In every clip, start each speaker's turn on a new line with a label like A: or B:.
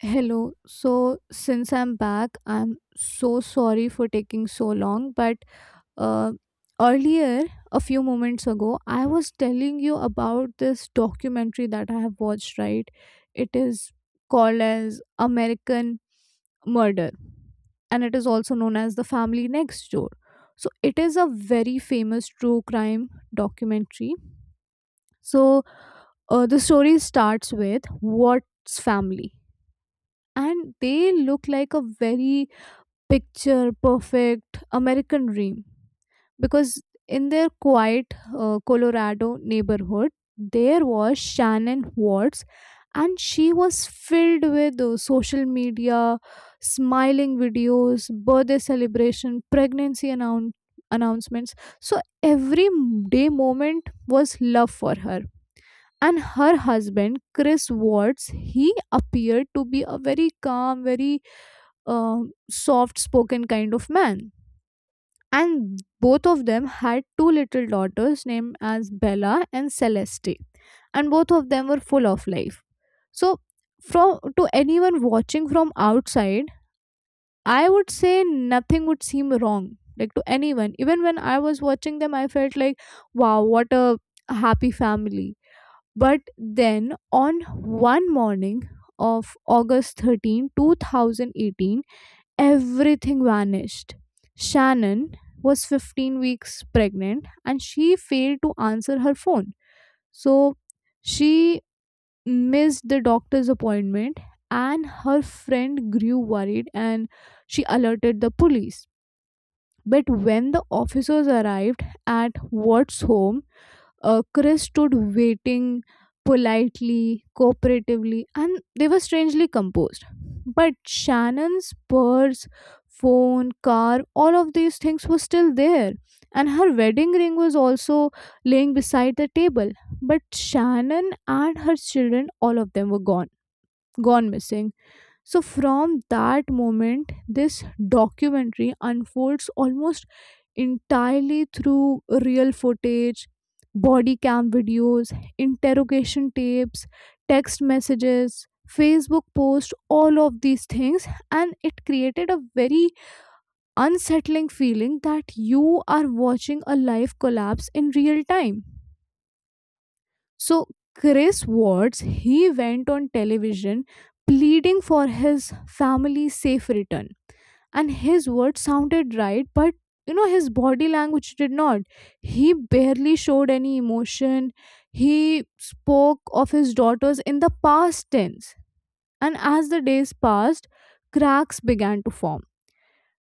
A: Hello. So, since I'm back, I'm so sorry for taking so long. But uh, earlier, a few moments ago, I was telling you about this documentary that I have watched, right? It is called as American Murder, and it is also known as The Family Next Door. So, it is a very famous true crime documentary. So, the story starts with what's family? And they look like a very picture perfect American dream. Because in their quiet Colorado neighborhood, there was Shannon Watts, and she was filled with social media, smiling videos, birthday celebration, pregnancy announcements. So every day moment was love for her. And her husband, Chris Watts, he appeared to be a very calm, very uh, soft spoken kind of man. And both of them had two little daughters named as Bella and Celeste. And both of them were full of life. So, from to anyone watching from outside, I would say nothing would seem wrong. Like to anyone, even when I was watching them, I felt like, wow, what a happy family. But then on one morning of August 13, 2018, everything vanished. Shannon was 15 weeks pregnant and she failed to answer her phone. So she missed the doctor's appointment, and her friend grew worried and she alerted the police. But when the officers arrived at Watt's home, Chris stood waiting politely, cooperatively, and they were strangely composed. But Shannon's purse, phone, car, all of these things were still there. And her wedding ring was also laying beside the table. But Shannon and her children, all of them were gone, gone missing. So, from that moment, this documentary unfolds almost entirely through real footage, body cam videos, interrogation tapes, text messages, Facebook posts, all of these things. And it created a very unsettling feeling that you are watching a life collapse in real time. So, Chris Watts, he went on television pleading for his family's safe return, and his words sounded right, but you know his body language did not. He barely showed any emotion. He spoke of his daughters in the past tense, and as the days passed, cracks began to form.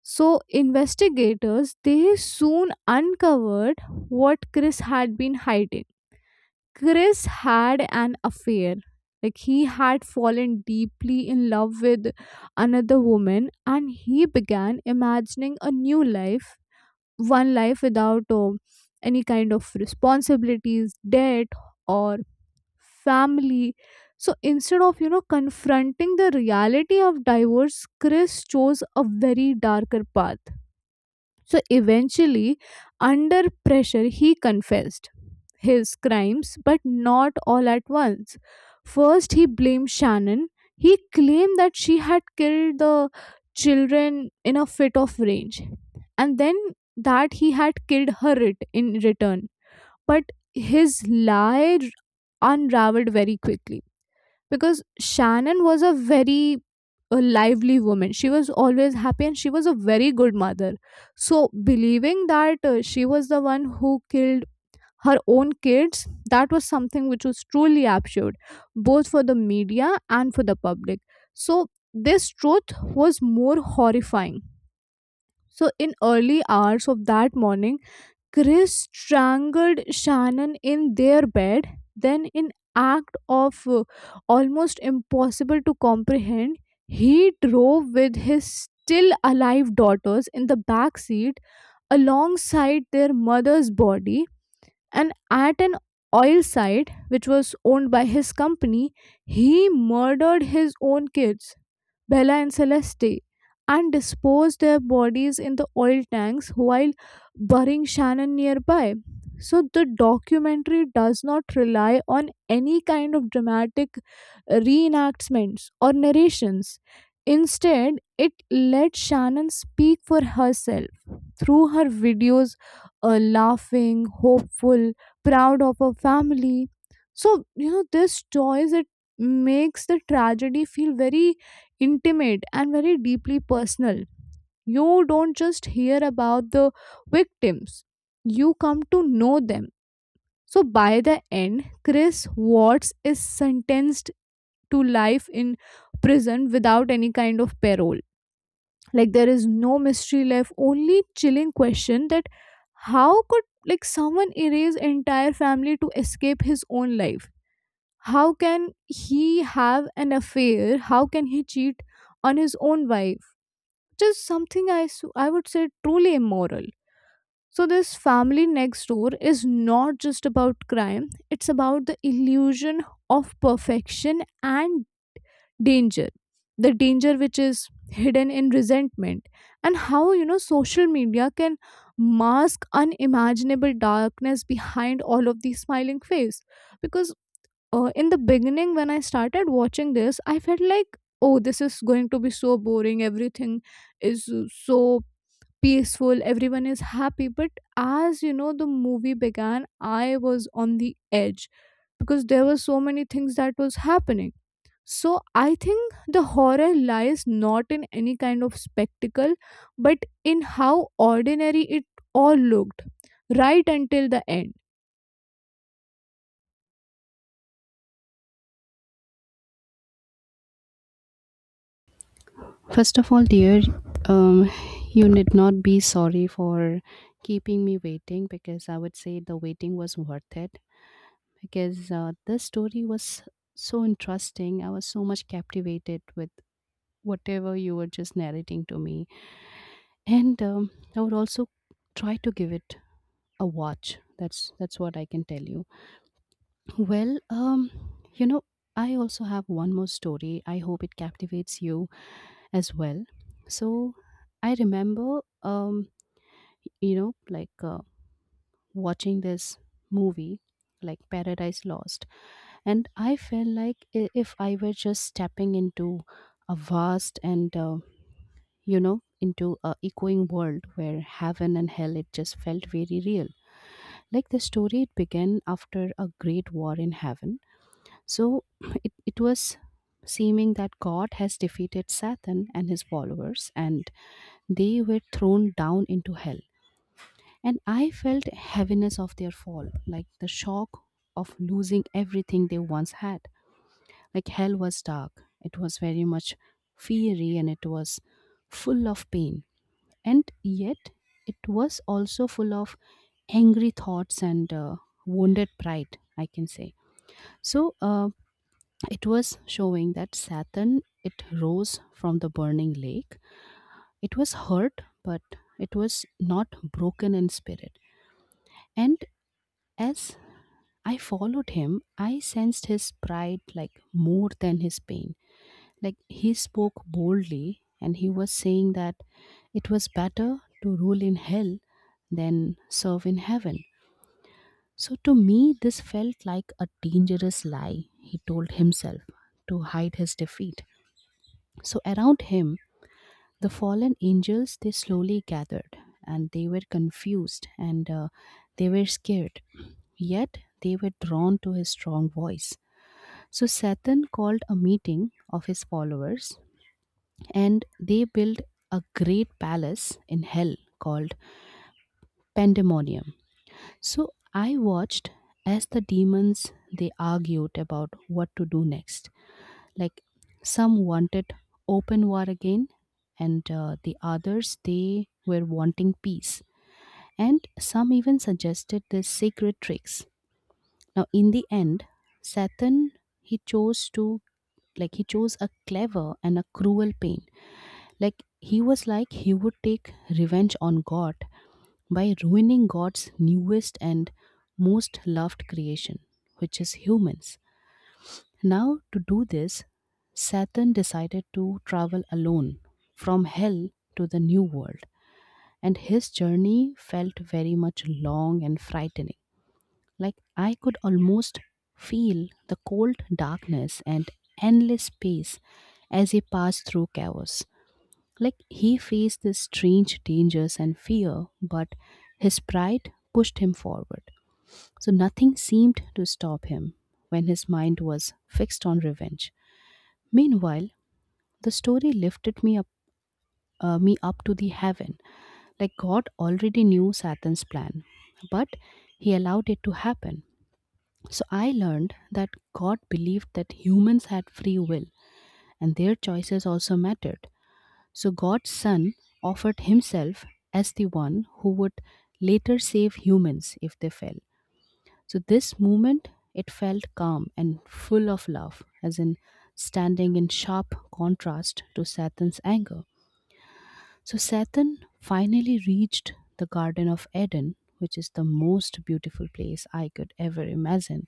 A: So investigators, they soon uncovered what Chris had been hiding. Chris had an affair. Like he had fallen deeply in love with another woman, and he began imagining a new life, one life without any kind of responsibilities, debt, or family. So instead of, you know, confronting the reality of divorce, Chris chose a very darker path. So eventually, under pressure, he confessed his crimes, but not all at once. First, he blamed Shannon. He claimed that she had killed the children in a fit of rage, and then that he had killed in return. But unraveled very quickly because Shannon was a very a lively woman. She was always happy and she was a very good mother. So, believing that she was the one who killed her own kids, that was something which was truly absurd, both for the media and for the public. So, this truth was more horrifying. So, in early hours of that morning, Chris strangled Shannon in their bed, then, in act of almost impossible to comprehend, he drove with his still alive daughters in the back seat alongside their mother's body, and at an oil site which was owned by his company, he murdered his own kids, Bella and Celeste, and dispose their bodies in the oil tanks while burying Shannon nearby. So the documentary does not rely on any kind of dramatic reenactments or narrations. Instead, it let Shannon speak for herself through her videos, laughing, hopeful, proud of her family. So, you know, this choice, it makes the tragedy feel very intimate and very deeply personal. You don't just hear about the victims, you come to know them. So by the end, Chris Watts is sentenced to life in prison without any kind of parole. Like there is no mystery left, only chilling question that how could like someone erase entire family to escape his own life? How can he have an affair? How can he cheat on his own wife? It is something I would say truly immoral. So, this family next door is not just about crime, it's about the illusion of perfection and danger. The danger which is hidden in resentment, and how you know social media can mask unimaginable darkness behind all of these smiling face. Because in the beginning, when I started watching this, I felt like, oh, this is going to be so boring, everything is so peaceful, everyone is happy, but as you know the movie began, I was on the edge because there were so many things that was happening. So I think the horror lies not in any kind of spectacle, but in how ordinary it all looked right until the end.
B: First of all, dear, um, you need not be sorry for keeping me waiting because I would say the waiting was worth it because this story was so interesting. I was so much captivated with whatever you were just narrating to me, and I would also try to give it a watch. That's what I can tell you. Well, you know, I also have one more story. I hope it captivates you as well. So I remember, you know, like uh, watching this movie, like Paradise Lost, and I felt like if I were just stepping into a vast and, into a echoing world where heaven and hell, it just felt very real. Like the story, it began after a great war in heaven. So it was seeming that God has defeated Satan and his followers, and they were thrown down into hell, and I felt heaviness of their fall, like the shock of losing everything they once had. Like hell was dark, it was very much fiery, and it was full of pain, and yet it was also full of angry thoughts and wounded pride, I can say. So it was showing that Saturn it rose from the burning lake. It was hurt, but it was not broken in spirit. And as I followed him, I sensed his pride like more than his pain. Like he spoke boldly and he was saying that it was better to rule in hell than serve in heaven. So to me, this felt like a dangerous lie, he told himself to hide his defeat. So around him, the fallen angels, they slowly gathered and they were confused and they were scared. Yet they were drawn to his strong voice. So Satan called a meeting of his followers and they built a great palace in hell called Pandemonium. So I watched as the demons they argued about what to do next, like some wanted open war again and the others they were wanting peace and some even suggested the secret tricks. Now in the end Satan he chose to, like he chose a clever and a cruel pain, like he was like he would take revenge on god by ruining god's newest and most loved creation, which is humans. Now, to do this, Saturn decided to travel alone from hell to the new world, and his journey felt very much long and frightening. Like I could almost feel the cold darkness and endless space as he passed through chaos. Like he faced these strange dangers and fear, but his pride pushed him forward. So nothing seemed to stop him when his mind was fixed on revenge. Meanwhile, the story lifted me up to the heaven. Like God already knew Satan's plan, but He allowed it to happen. So I learned that God believed that humans had free will, and their choices also mattered. So God's Son offered Himself as the one who would later save humans if they fell. So this moment, it felt calm and full of love, as in standing in sharp contrast to Satan's anger. So Satan finally reached the Garden of Eden, which is the most beautiful place I could ever imagine.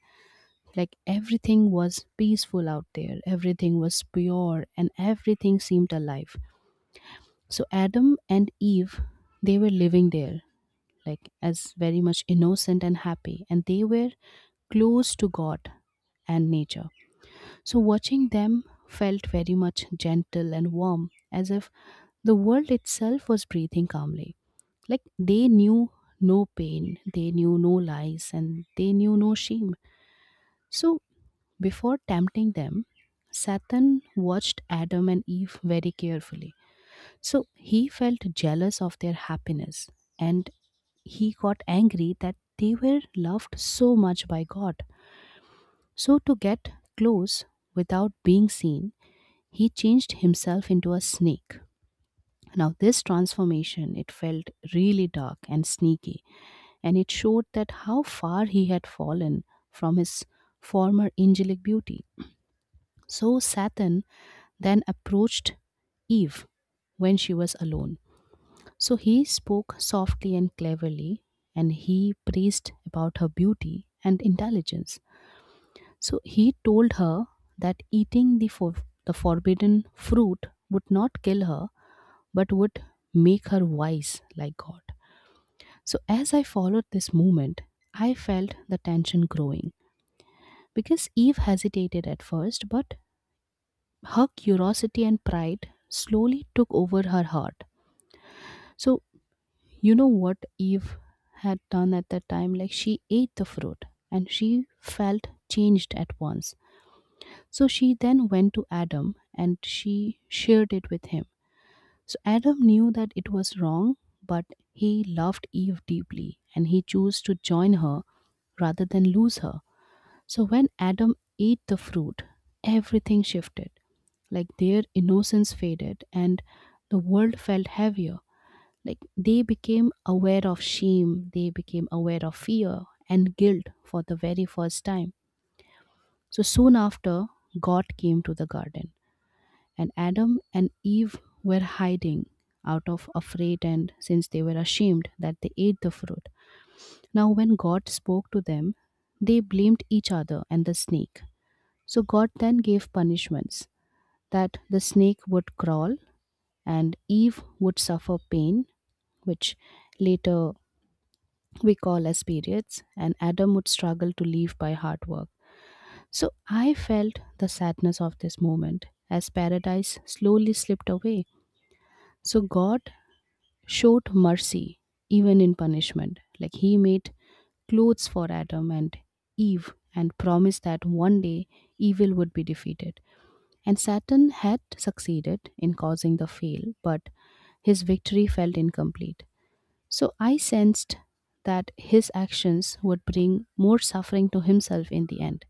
B: Like everything was peaceful out there, everything was pure, and everything seemed alive. So Adam and Eve, they were living there, like as very much innocent and happy, and they were close to God and nature. So watching them felt very much gentle and warm, as if the world itself was breathing calmly. Like they knew no pain, they knew no lies, and they knew no shame. So before tempting them, Satan watched Adam and Eve very carefully. So he felt jealous of their happiness and he got angry that they were loved so much by God. So, to get close without being seen, he changed himself into a snake. Now, this transformation, it felt really dark and sneaky, and it showed that how far he had fallen from his former angelic beauty. So, Satan then approached Eve when she was alone. So he spoke softly and cleverly, and he praised about her beauty and intelligence. So he told her that eating the, the forbidden fruit would not kill her, but would make her wise like God. So as I followed this movement, I felt the tension growing because Eve hesitated at first, but her curiosity and pride slowly took over her heart. So, you know what Eve had done at that time? Like, she ate the fruit and she felt changed at once. So she then went to Adam and she shared it with him. So Adam knew that it was wrong, but he loved Eve deeply and he chose to join her rather than lose her. So when Adam ate the fruit, everything shifted. Like their innocence faded and the world felt heavier. Like they became aware of shame, they became aware of fear and guilt for the very first time. So soon after, God came to the garden and Adam and Eve were hiding out of afraid and since they were ashamed that they ate the fruit. Now, when God spoke to them, they blamed each other and the snake. So, God then gave punishments that the snake would crawl and Eve would suffer pain, which later we call as periods, and Adam would struggle to live by hard work. So I felt the sadness of this moment as paradise slowly slipped away. So God showed mercy even in punishment. Like he made clothes for Adam and Eve and promised that one day evil would be defeated. And Satan had succeeded in causing the fail, but his victory felt incomplete. So I sensed that his actions would bring more suffering to himself in the end.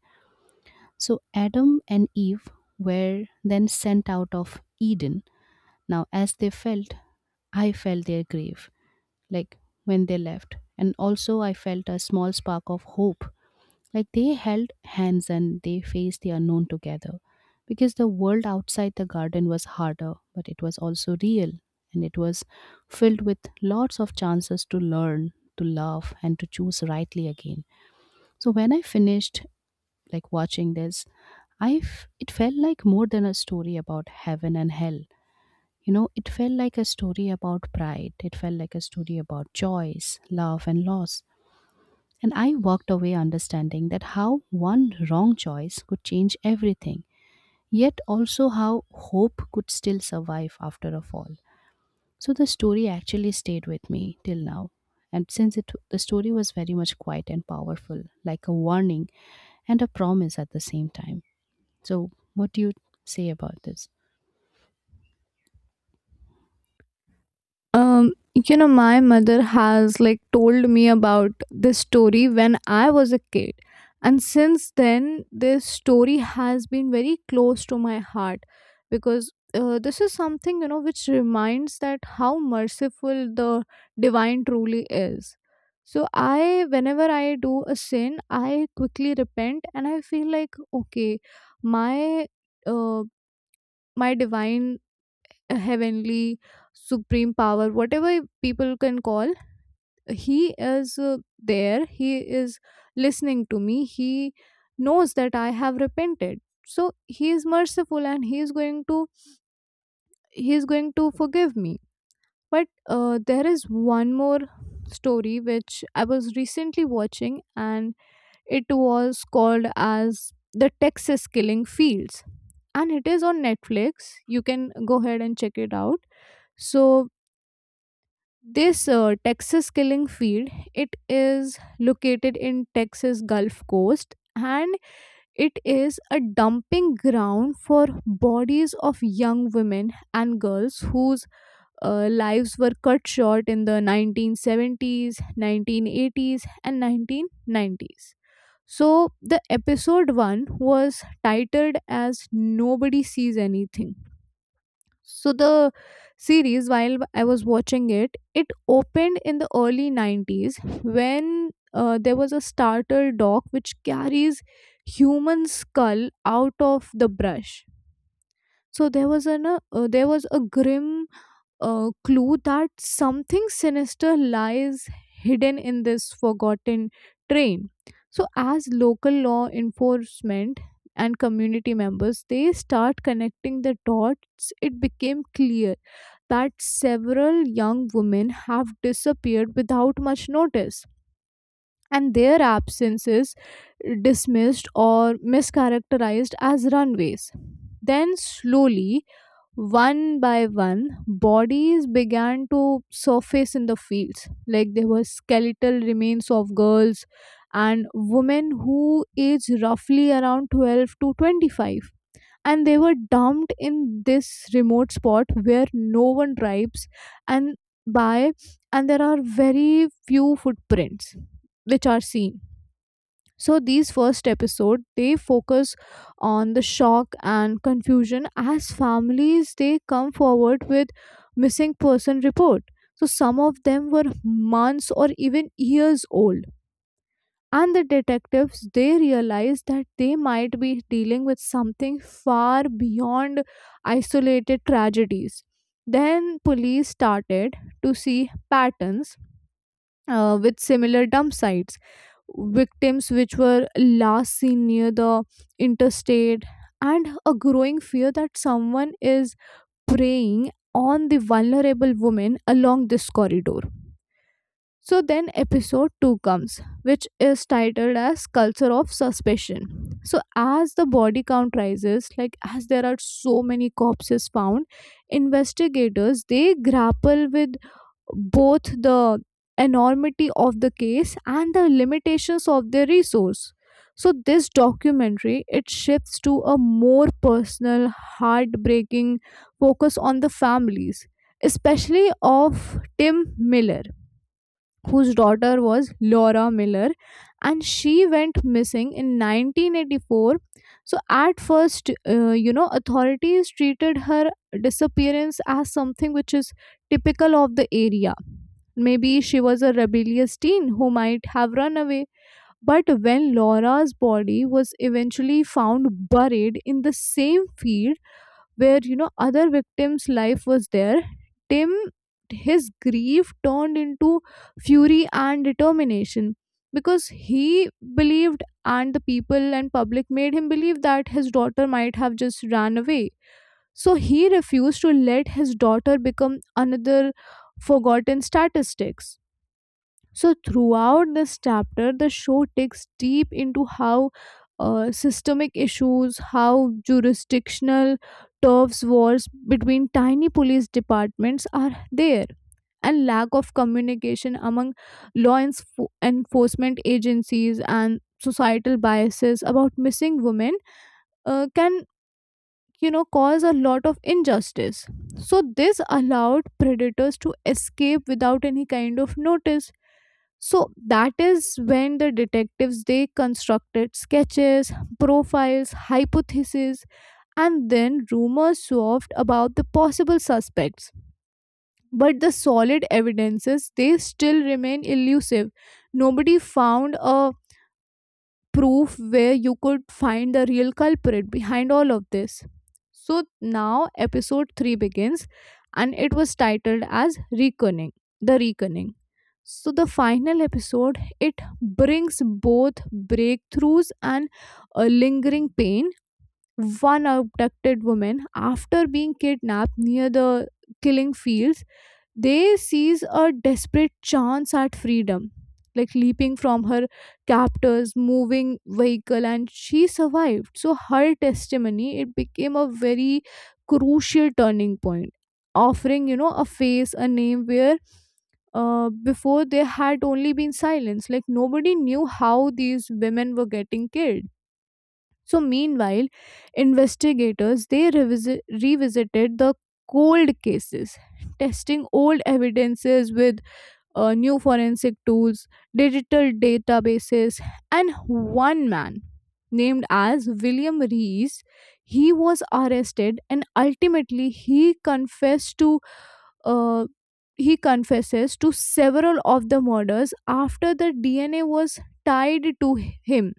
B: So Adam and Eve were then sent out of Eden. Now, as they felt, I felt their grief like when they left. And also, I felt a small spark of hope. Like they held hands and they faced the unknown together. Because the world outside the garden was harder, but it was also real. And it was filled with lots of chances to learn, to love, and to choose rightly again. So when I finished like watching this, it felt like more than a story about heaven and hell. You know, it felt like a story about pride. It felt like a story about choice, love, and loss. And I walked away understanding that how one wrong choice could change everything, yet also how hope could still survive after a fall. So the story actually stayed with me till now. And since it, the story was very much quiet and powerful, like a warning and a promise at the same time. So, what do you say about this?
A: You know, my mother has like told me about this story when I was a kid, and since then, this story has been very close to my heart because this is something you know which reminds that how merciful the divine truly is. So, I whenever I do a sin, I quickly repent and I feel like okay, my uh, my divine heavenly supreme power whatever people can call, he is there he is listening to me. He knows that I have repented, so he is merciful and he is going to, he is going to forgive me. But there is one more story which I was recently watching, and it was called as The Texas Killing Fields, and it is on Netflix. You can go ahead and check it out. So this Texas killing field, it is located in Texas Gulf Coast, and it is a dumping ground for bodies of young women and girls whose lives were cut short in the 1970s, 1980s and 1990s. So the episode 1 was titled as Nobody Sees Anything. So the series, while I was watching it, it opened in the early 90s when there was a starter dog which carries human skull out of the brush. So there was an there was a grim clue that something sinister lies hidden in this forgotten train. So as local law enforcement and community members they start connecting the dots, it became clear that several young women have disappeared without much notice, and their absence is dismissed or mischaracterized as runaways. Then, slowly, one by one, bodies began to surface in the fields. Like there were skeletal remains of girls and women who aged roughly around 12 to 25, and they were dumped in this remote spot where no one drives, and by and there are very few footprints which are seen. So these first episode they focus on the shock and confusion as families they come forward with missing person report. So some of them were months or even years old, and the detectives, they realized that they might be dealing with something far beyond isolated tragedies. Then police started to see patterns with similar dump sites, victims which were last seen near the interstate, and a growing fear that someone is preying on the vulnerable women along this corridor. So then episode 2 comes, which is titled as Culture of Suspicion. So as the body count rises, like as there are so many corpses found, investigators they grapple with both the enormity of the case and the limitations of their resource. So this documentary it shifts to a more personal, heartbreaking focus on the families, especially of Tim Miller, whose daughter was Laura Miller, and she went missing in 1984. So, at first, you know, authorities treated her disappearance as something which is typical of the area. Maybe she was a rebellious teen who might have run away. But when Laura's body was eventually found buried in the same field, where you know other victims life was there, Tim, his grief turned into fury and determination, because he believed and the people and public made him believe that his daughter might have just ran away. So he refused to let his daughter become another forgotten statistic. So throughout this chapter, the show digs deep into how systemic issues, how jurisdictional turfs wars between tiny police departments are there, and lack of communication among enforcement agencies and societal biases about missing women can you know cause a lot of injustice. So this allowed predators to escape without any kind of notice. So that is when the detectives they constructed sketches, profiles, hypotheses, and then rumors swerved about the possible suspects, but the solid evidences they still remain elusive. Nobody found a proof where you could find the real culprit behind all of this. So now episode 3 begins, and it was titled as Reckoning, The Reckoning. So the final episode it brings both breakthroughs and a lingering pain. One abducted woman after being kidnapped near the killing fields, they seize a desperate chance at freedom, like leaping from her captor's moving vehicle, and she survived. So her testimony it became a very crucial turning point, offering you know a face, a name where before there had only been silence. Like nobody knew how these women were getting killed. So meanwhile, investigators they revisited the cold cases, testing old evidences with new forensic tools, digital databases, and one man named as William Rees, he was arrested and ultimately uh, he confesses to several of the murders after the DNA was tied to him.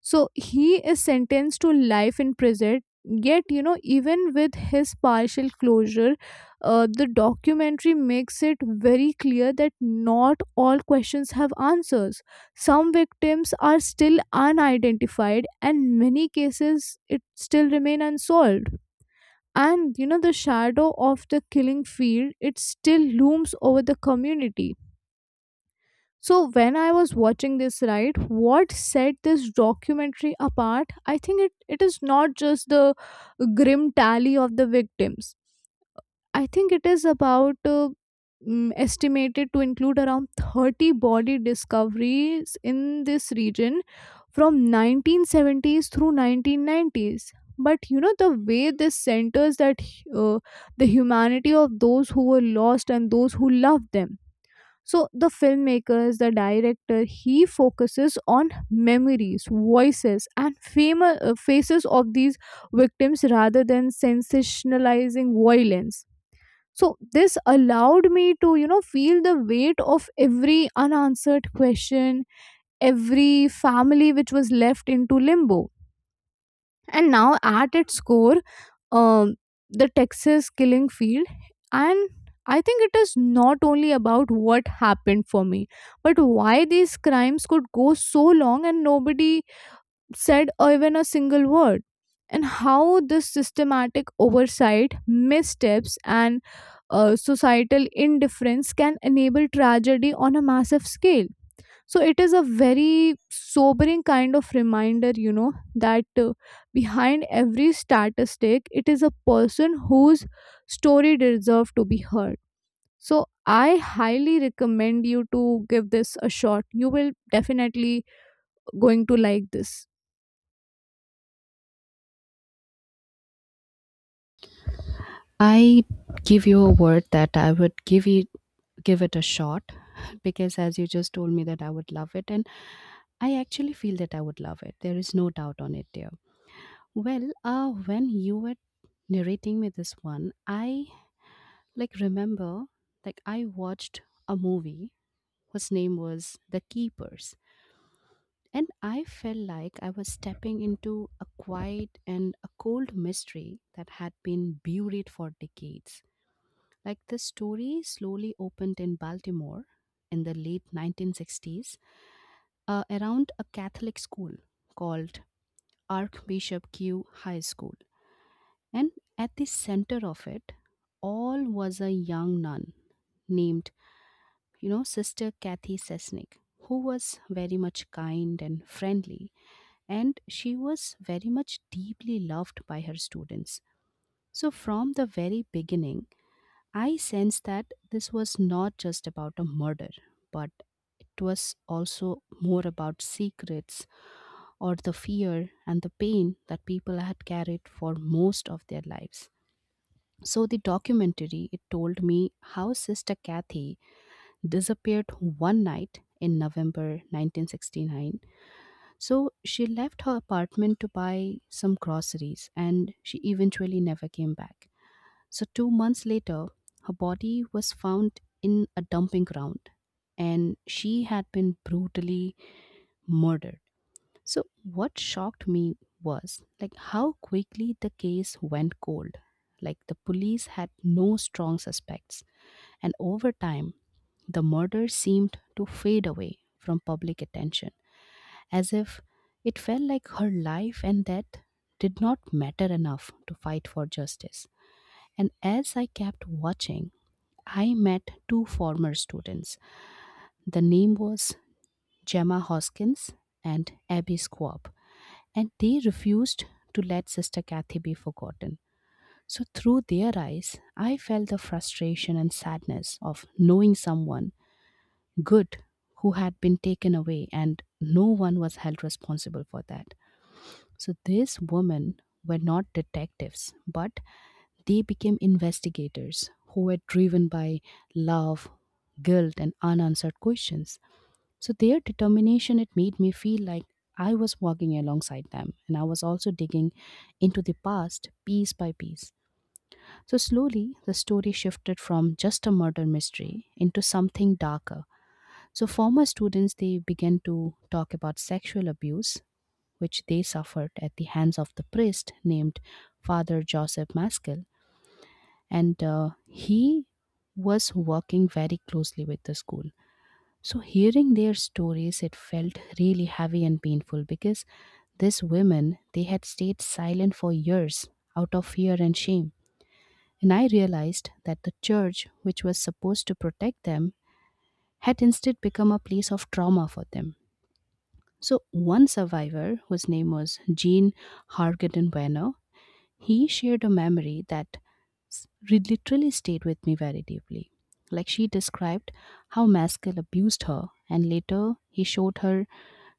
A: So he is sentenced to life in prison. Yet, you know, even with his partial closure, the documentary makes it very clear that not all questions have answers. Some victims are still unidentified, and many cases it still remain unsolved. And you know, the shadow of the killing field it still looms over the community. So when I was watching this, right, what set this documentary apart? I think it is not just the grim tally of the victims. I think it is about estimated to include around 30 body discoveries in this region from 1970s through 1990s. But you know the way this centers that uh, the humanity of those who were lost and those who loved them. So the filmmakers, the director, he focuses on memories, voices, and faces of these victims rather than sensationalizing violence. So this allowed me to, you know, feel the weight of every unanswered question, every family which was left into limbo. And now, at its core, um, the Texas killing field. And I think it is not only about what happened for me, but why these crimes could go so long and nobody said even a single word. And how this systematic oversight, missteps, and societal indifference can enable tragedy on a massive scale. So it is a very sobering kind of reminder, you know, that behind every statistic, it is a person whose story deserves to be heard. So I highly recommend you to give this a shot. You will definitely going to like this.
B: I give you a word that I would give you, give it a shot because as you just told me that I would love it and I actually feel that I would love it. There is no doubt on it, dear. Well, when you were narrating me this one, I like remember like I watched a movie whose name was The Keepers. And I felt like I was stepping into a quiet and a cold mystery that had been buried for decades. Like the story slowly opened in Baltimore in the late 1960s around a Catholic school called Archbishop Q High School. And at the center of it, all was a young nun named, you know, Sister Kathy Sesnick, who was very much kind and friendly, and she was very much deeply loved by her students. So, from the very beginning, I sensed that this was not just about a murder, but it was also more about secrets or the fear and the pain that people had carried for most of their lives. So the documentary it told me how Sister Kathy disappeared one night in November 1969. So she left her apartment to buy some groceries and she eventually never came back. So, two months later, her body was found in a dumping ground and she had been brutally murdered. So, what shocked me was like how quickly the case went cold. Like the police had no strong suspects, and over time, the murder seemed to fade away from public attention, as if it felt like her life and death did not matter enough to fight for justice. And as I kept watching, I met two former students. The name was Gemma Hoskins and Abby Squab, and they refused to let Sister Kathy be forgotten. So, through their eyes, I felt the frustration and sadness of knowing someone good who had been taken away and no one was held responsible for that. So, these women were not detectives but they became investigators who were driven by love, guilt, and unanswered questions. So, their determination, it made me feel like I was walking alongside them, and I was also digging into the past piece by piece. So, slowly, the story shifted from just a murder mystery into something darker. So, former students they began to talk about sexual abuse, which they suffered at the hands of the priest named Father Joseph Maskell and he was working very closely with the school. So, hearing their stories, it felt really heavy and painful because these women they had stayed silent for years out of fear and shame. And I realized that the church, which was supposed to protect them, had instead become a place of trauma for them. So, one survivor, whose name was Jean Hargaden Bueno, he shared a memory that literally stayed with me very deeply. Like she described how Maskell abused her, and later he showed her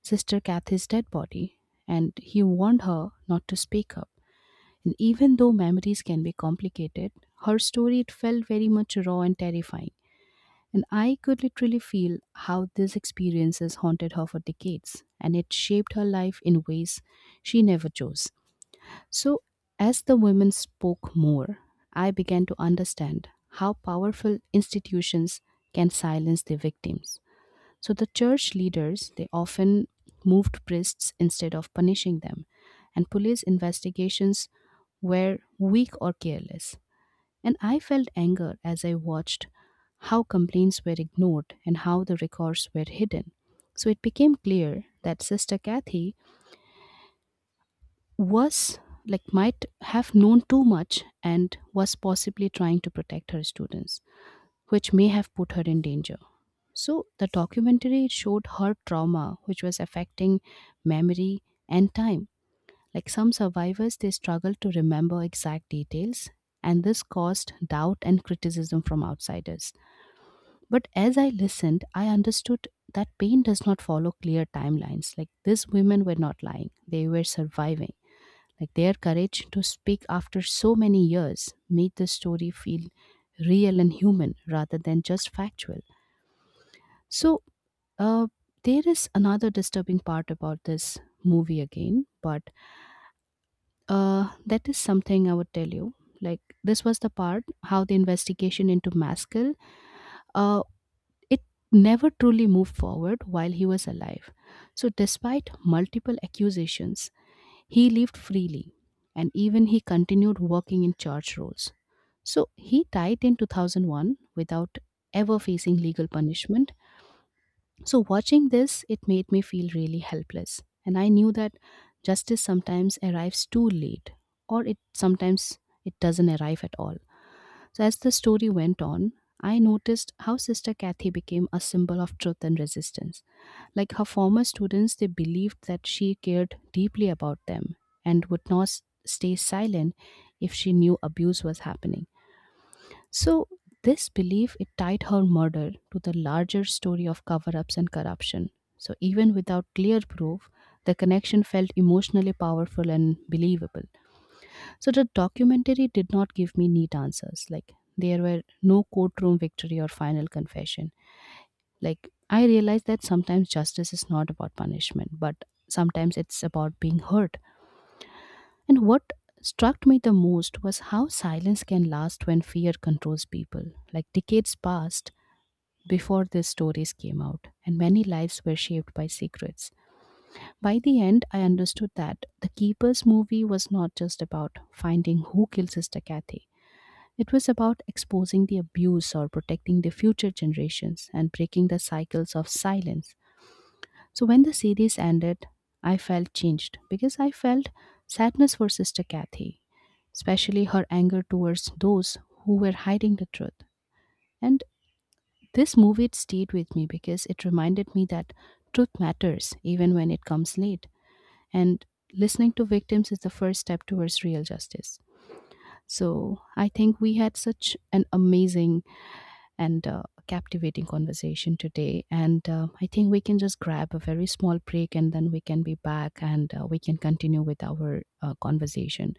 B: sister Kathy's dead body, and he warned her not to speak up. And even though memories can be complicated, her story it felt very much raw and terrifying. And I could literally feel how these experiences haunted her for decades, and it shaped her life in ways she never chose. So, as the women spoke more, I began to understand how powerful institutions can silence their victims. So, the church leaders, they often moved priests instead of punishing them, and police investigations were weak or careless. And I felt anger as I watched how complaints were ignored and how the records were hidden. So it became clear that Sister Kathy was like might have known too much and was possibly trying to protect her students, which may have put her in danger. So the documentary showed her trauma, which was affecting memory and time. Like some survivors, they struggle to remember exact details, and this caused doubt and criticism from outsiders. But as I listened, I understood that pain does not follow clear timelines. Like these women were not lying, they were surviving. Like their courage to speak after so many years made the story feel real and human rather than just factual. So, uh, there is another disturbing part about this movie again, but that is something I would tell you. Like, this was the part how the investigation into Maskell uh, It never truly moved forward while he was alive. So, despite multiple accusations, he lived freely and even he continued working in church roles. So, he died in 2001 without ever facing legal punishment. So, watching this, it made me feel really helpless. And I knew that justice sometimes arrives too late or it sometimes it doesn't arrive at all. So, as the story went on, I noticed how Sister Kathy became a symbol of truth and resistance. Like her former students, they believed that she cared deeply about them and would not stay silent if she knew abuse was happening. So, this belief it tied her murder to the larger story of cover-ups and corruption. So, even without clear proof, the connection felt emotionally powerful and believable. So the documentary did not give me neat answers. Like there were no courtroom victory or final confession. Like I realized that sometimes justice is not about punishment, but sometimes it's about being hurt. And what struck me the most was how silence can last when fear controls people. Like decades passed before these stories came out, and many lives were shaped by secrets. By the end, I understood that the Keepers movie was not just about finding who kills Sister Kathy. It was about exposing the abuse or protecting the future generations and breaking the cycles of silence. So when the series ended, I felt changed because I felt sadness for Sister Kathy, especially her anger towards those who were hiding the truth. And this movie it stayed with me because it reminded me that truth matters even when it comes late. And listening to victims is the first step towards real justice. So I think we had such an amazing and captivating conversation today. And I think we can just grab a very small break and then we can be back and we can continue with our conversation.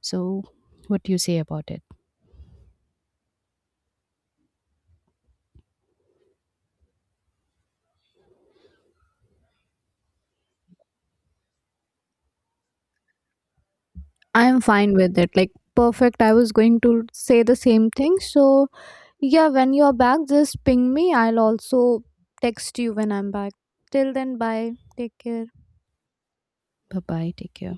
B: So, what do you say about it?
A: I am fine with it. Like, perfect. I was going to say the same thing. So, yeah, when you're back, just ping me. I'll also text you when I'm back. Till then, bye. Take care.
B: Bye bye. Take care.